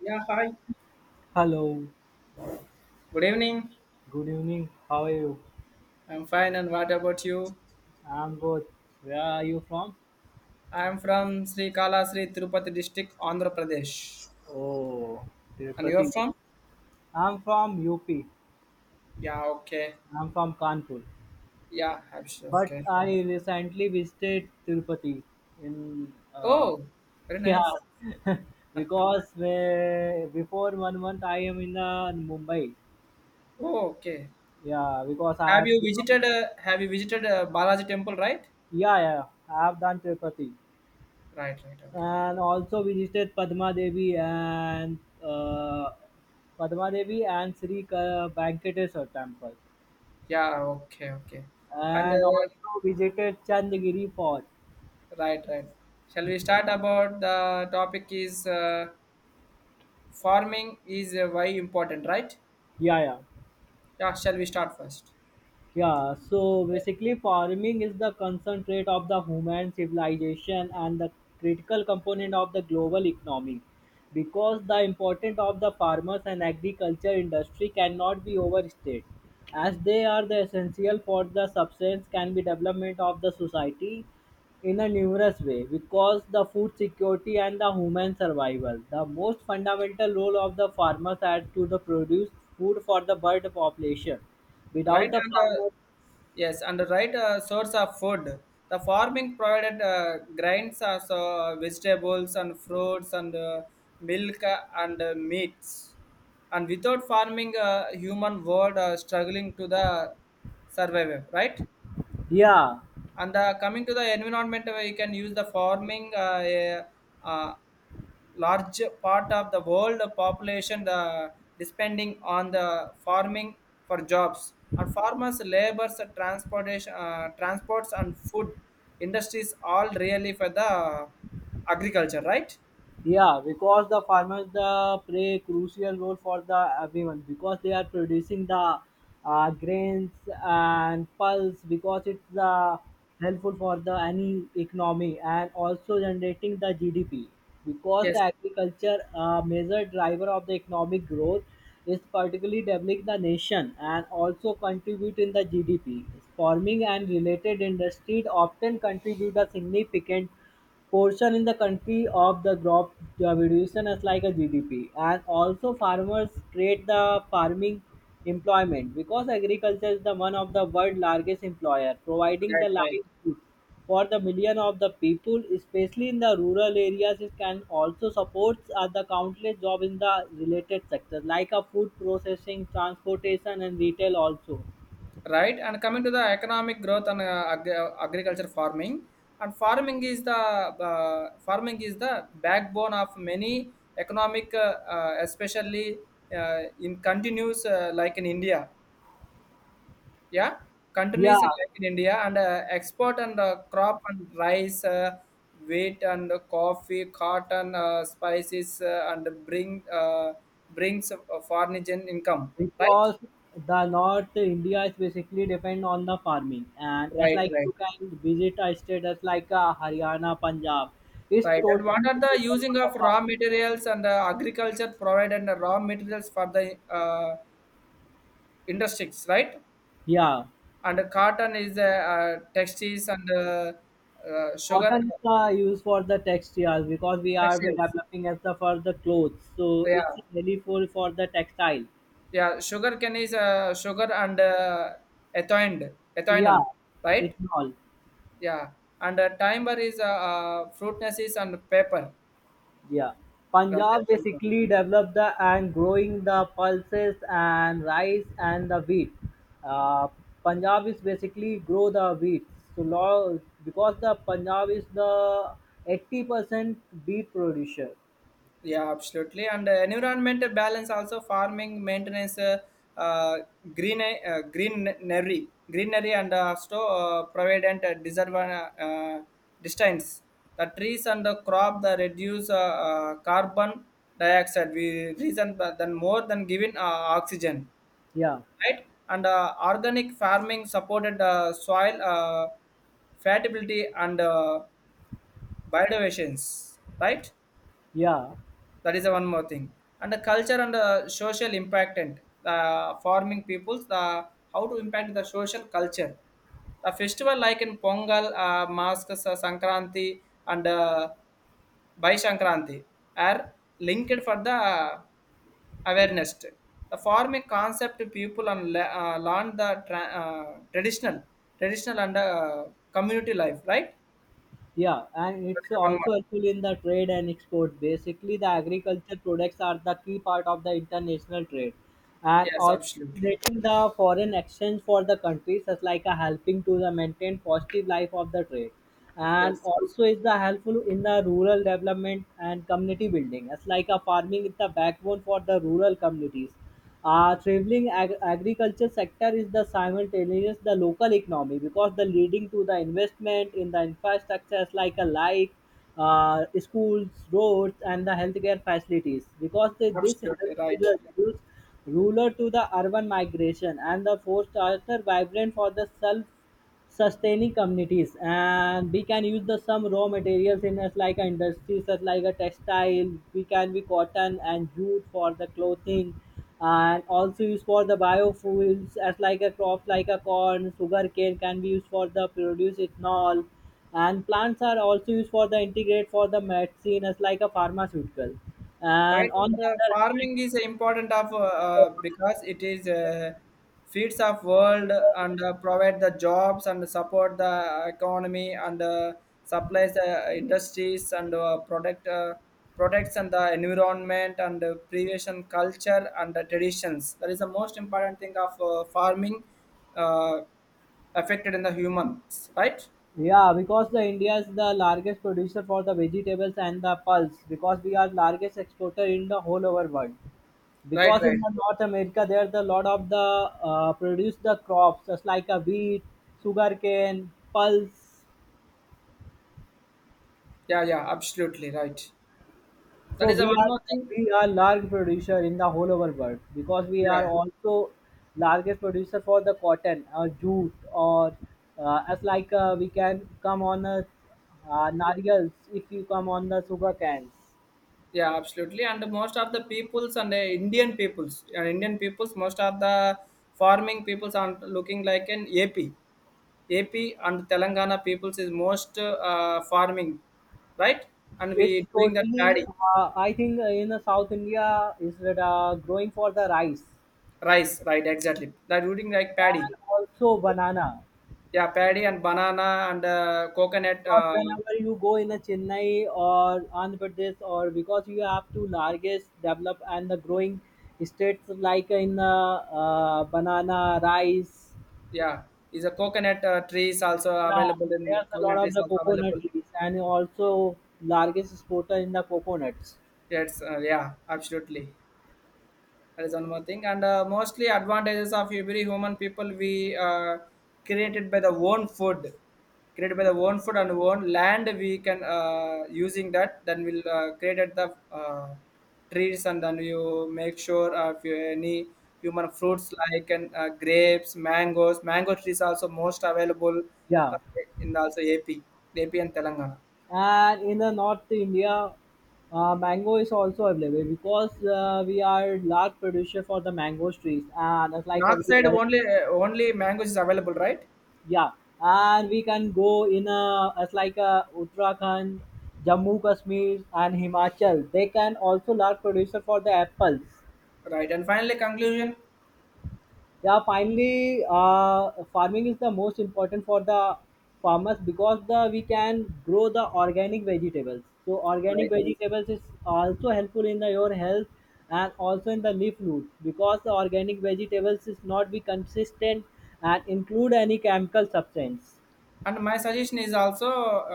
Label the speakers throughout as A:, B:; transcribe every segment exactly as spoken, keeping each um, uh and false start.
A: Yeah, hi.
B: Hello,
A: Good evening.
B: good evening. How are you?
A: I'm fine, and what about you?
B: I'm good. Where are you from?
A: I'm from Sri Kala, Sri Tirupati district, Andhra Pradesh.
B: Oh,
A: And you're
B: Tirupati.
A: from?
B: I'm from U P.
A: Yeah, okay.
B: I'm from Kanpur.
A: Yeah, I'm sure.
B: But
A: Okay.
B: I recently visited Tirupati in uh,
A: Oh, very
B: yeah
A: nice.
B: because uh, before one month I am in uh, Mumbai.
A: Oh, okay.
B: Yeah, because I
A: Have
B: have,
A: you visited? Uh, have you visited uh, Balaji Temple? Right.
B: yeah yeah I have done Tirupati.
A: Right. Right. Okay.
B: And also visited Padma Devi and uh, Padma Devi and Sri Ka- Venkateswara temple,
A: Yeah. Okay. Okay. And
B: and
A: uh,
B: also visited Chandagiri Fort.
A: right. Right. Shall we start about the topic? Is uh, Farming is uh, very important, right?
B: Yeah, yeah.
A: Yeah. Shall we start first?
B: Yeah, so basically, farming is the concentrate of the human civilization and the critical component of the global economy. Because the importance of the farmers and agriculture industry cannot be overstated, as they are the essential for the substance can be development of the society in a numerous way. Because the food security and the human survival, the most fundamental role of the farmers are to the produce food for the bird population. Without
A: Right
B: the
A: under,
B: farmers,
A: yes under right, uh, source of food. The farming provided uh, grains as uh, vegetables and fruits and uh, milk uh, and uh, meats, and without farming uh, human world uh, struggling to the survival, right?
B: yeah,
A: And uh, coming to the environment, uh, you can use the farming. Uh, a, uh, Large part of the world population the depending on the farming for jobs and farmers labors transportation, uh, transports and food industries all really for the agriculture, right?
B: yeah, because the farmers the play crucial role for the everyone because they are producing the uh, grains and pulse because it's uh, helpful for the any economy and also generating the G D P, because
A: Yes.
B: the agriculture uh, major driver of the economic growth is particularly developing the nation and also contribute in the G D P. Farming and related industries often contribute a significant portion in the country of the crop division is like a G D P, and also farmers create the farming employment because agriculture is the one of the world largest employer, providing
A: Right,
B: the
A: right.
B: livelihood for the million of the people, especially in the rural areas. It can also support uh, the countless job in the related sectors like a food processing, transportation, and retail also.
A: Right, and coming to the economic growth and uh, ag- agriculture farming, and farming is the uh, farming is the backbone of many economic, uh, uh, especially uh, in continuous uh, like in India, yeah,
B: Yeah,
A: continuous and like in India, and uh, export and uh, crop and rice, uh, wheat and coffee, cotton, uh, spices, uh, and bring uh, brings uh, foreign income. Right,
B: because the north India is basically depend on the farming, and as
A: right,
B: like
A: right.
B: you can visit a state as like uh, Haryana, Punjab, it's
A: Right. And what
B: totally
A: are the
B: dependent
A: using
B: on the
A: of raw
B: farming.
A: materials? And uh, agriculture provided the raw materials for the uh, industries, right?
B: Yeah,
A: And cotton is the uh, textiles and uh, uh, sugar
B: cotton is uh, used for the textiles because we are we
A: textiles.
B: developing as the for the clothes, so
A: Yeah,
B: it's really for for the textile.
A: yeah. Sugar cane is uh, sugar and uh, ethoined,
B: Yeah,
A: ethanol,
B: it's
A: right?
B: all.
A: Yeah. And uh, timber is uh, uh, fruitnesses and paper.
B: Yeah,
A: Right.
B: Punjab basically developed the and growing the pulses and rice and the wheat. Uh, Punjab is basically grow the wheat. So lo- because the Punjab is the eighty percent wheat producer.
A: Yeah, absolutely. And uh, environmental balance also farming maintenance, uh, uh, green uh, greenery, greenery, and uh, also uh, provident uh, deserve uh, uh, distance. The trees and the crop the reduce uh, uh, carbon dioxide. We reason th- than more than giving uh, oxygen,
B: Yeah,
A: right? And uh, organic farming supported uh, soil uh, fertility and uh, biodiversity, right?
B: yeah.
A: That is the one more thing. And the culture and the social impact and the farming peoples, the how to impact the social culture. The festival like in Pongal, uh, Maskas, uh, Sankranti, and uh, Bhai Sankranti are linked for the awareness. The farming concept people and le- uh, learn the tra- uh, traditional, traditional and uh, community life, right?
B: Yeah, and
A: That
B: it's
A: is one more.
B: also helpful in the trade and export. Basically, the agriculture products are the key part of the international trade, and
A: Yes,
B: also
A: absolutely.
B: creating the foreign exchange for the countries is like a helping to the maintain positive life of the trade, and
A: Yes,
B: also is the helpful in the rural development and community building. It's like a farming is the backbone for the rural communities, uh, traveling ag- agriculture sector is the simultaneous the local economy because the leading to the investment in the infrastructures like a like uh, schools roads and the healthcare facilities because they, this
A: absolutely
B: helps to
A: right.
B: the reduce rural to the urban migration and the forced are vibrant for the self sustaining communities, and we can use the some raw materials in us like a industry such like a textile we can be cotton and jute for the clothing, and also used for the biofuels as like a crop like a corn sugar cane can be used for the produce ethanol, and plants are also used for the integrate for the medicine as like a pharmaceutical, and
A: Right,
B: on
A: and the
B: the other hand,
A: farming is important of, uh, uh, because it is, uh, feeds of world and uh, provide the jobs and support the economy and uh, supplies the industries and uh, product uh, protects and the environment and uh, preservation culture and the traditions. That is the most important thing of uh, farming uh, affected in the humans, right?
B: yeah, because the India is the largest producer for the vegetables and the pulse. Because we are largest exporter in the whole over world.
A: Right,
B: Because
A: right.
B: in the North America there the lot of the uh, produce the crops just like a wheat, sugarcane, pulse.
A: Yeah, yeah, absolutely right. That
B: So
A: is the
B: we
A: one
B: are
A: more thing.
B: we are large producer in the whole over world because we are
A: Yeah.
B: also largest producer for the cotton or jute or uh, as like uh, we can come on a uh, nariyals if you come on the sugar cans.
A: Yeah, absolutely. And most of the peoples and the Indian peoples, and Indian peoples, most of the farming peoples are looking like an A P. A P and Telangana peoples is most uh, farming, right? And
B: It's
A: we doing that
B: totally.
A: paddy,
B: Uh, I think in the South India is that uh, growing for the rice
A: rice, right? Exactly. That doing like paddy.
B: and also banana.
A: Yeah, paddy and banana and uh, coconut.
B: Because
A: Uh,
B: whenever you go in a Chennai or Andhra Pradesh, or because you have two largest develop and the growing states like in the uh, banana rice.
A: yeah, is a coconut uh, trees also
B: Yeah,
A: available, in
B: there's a lot
A: coconut
B: of
A: trees
B: the
A: also available.
B: coconut trees and also largest exporter in the coconuts.
A: Yes, uh, yeah, absolutely. That is one more thing. And uh, mostly advantages of every human people, we uh, created by the own food created by the own food and own land. We can uh, using that, then we'll uh, created the uh, trees, and then you make sure uh, if you any human fruits like, and uh, grapes, mangoes, mango trees also most available uh,
B: Yeah.
A: in also AP. AP and Telangana
B: And in the north India, uh, mango is also available because uh, we are large producer for the mango trees and it's like a
A: north
B: we
A: side
B: are-
A: only, uh, only mangoes is available, right?
B: yeah, and we can go in a as like a Uttarakhand, Jammu Kashmir and Himachal, they can also large producer for the apples.
A: Right, and finally conclusion.
B: Yeah, finally, uh, farming is the most important for the farmers because the we can grow the organic vegetables, so organic
A: Right,
B: vegetables is also helpful in the, your health, and also in the leaf food because the organic vegetables is not be consistent and include any chemical substance.
A: and my suggestion is also,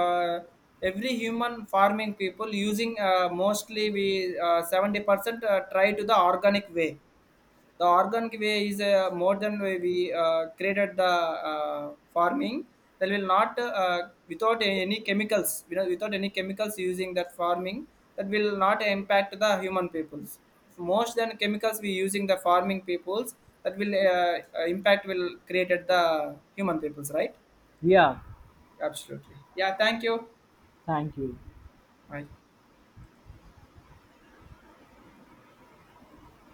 A: uh, every human farming people using, uh, mostly we uh, seventy percent uh, try to the organic way. The organic way is uh, more than way we uh, created the uh, farming. That will not uh, without any chemicals, you know, without any chemicals using that farming, that will not impact the human peoples. Most than chemicals we using the farming peoples, that will uh, uh, impact will created the human peoples, right?
B: Yeah,
A: Absolutely. Yeah, thank you.
B: thank you.
A: Bye.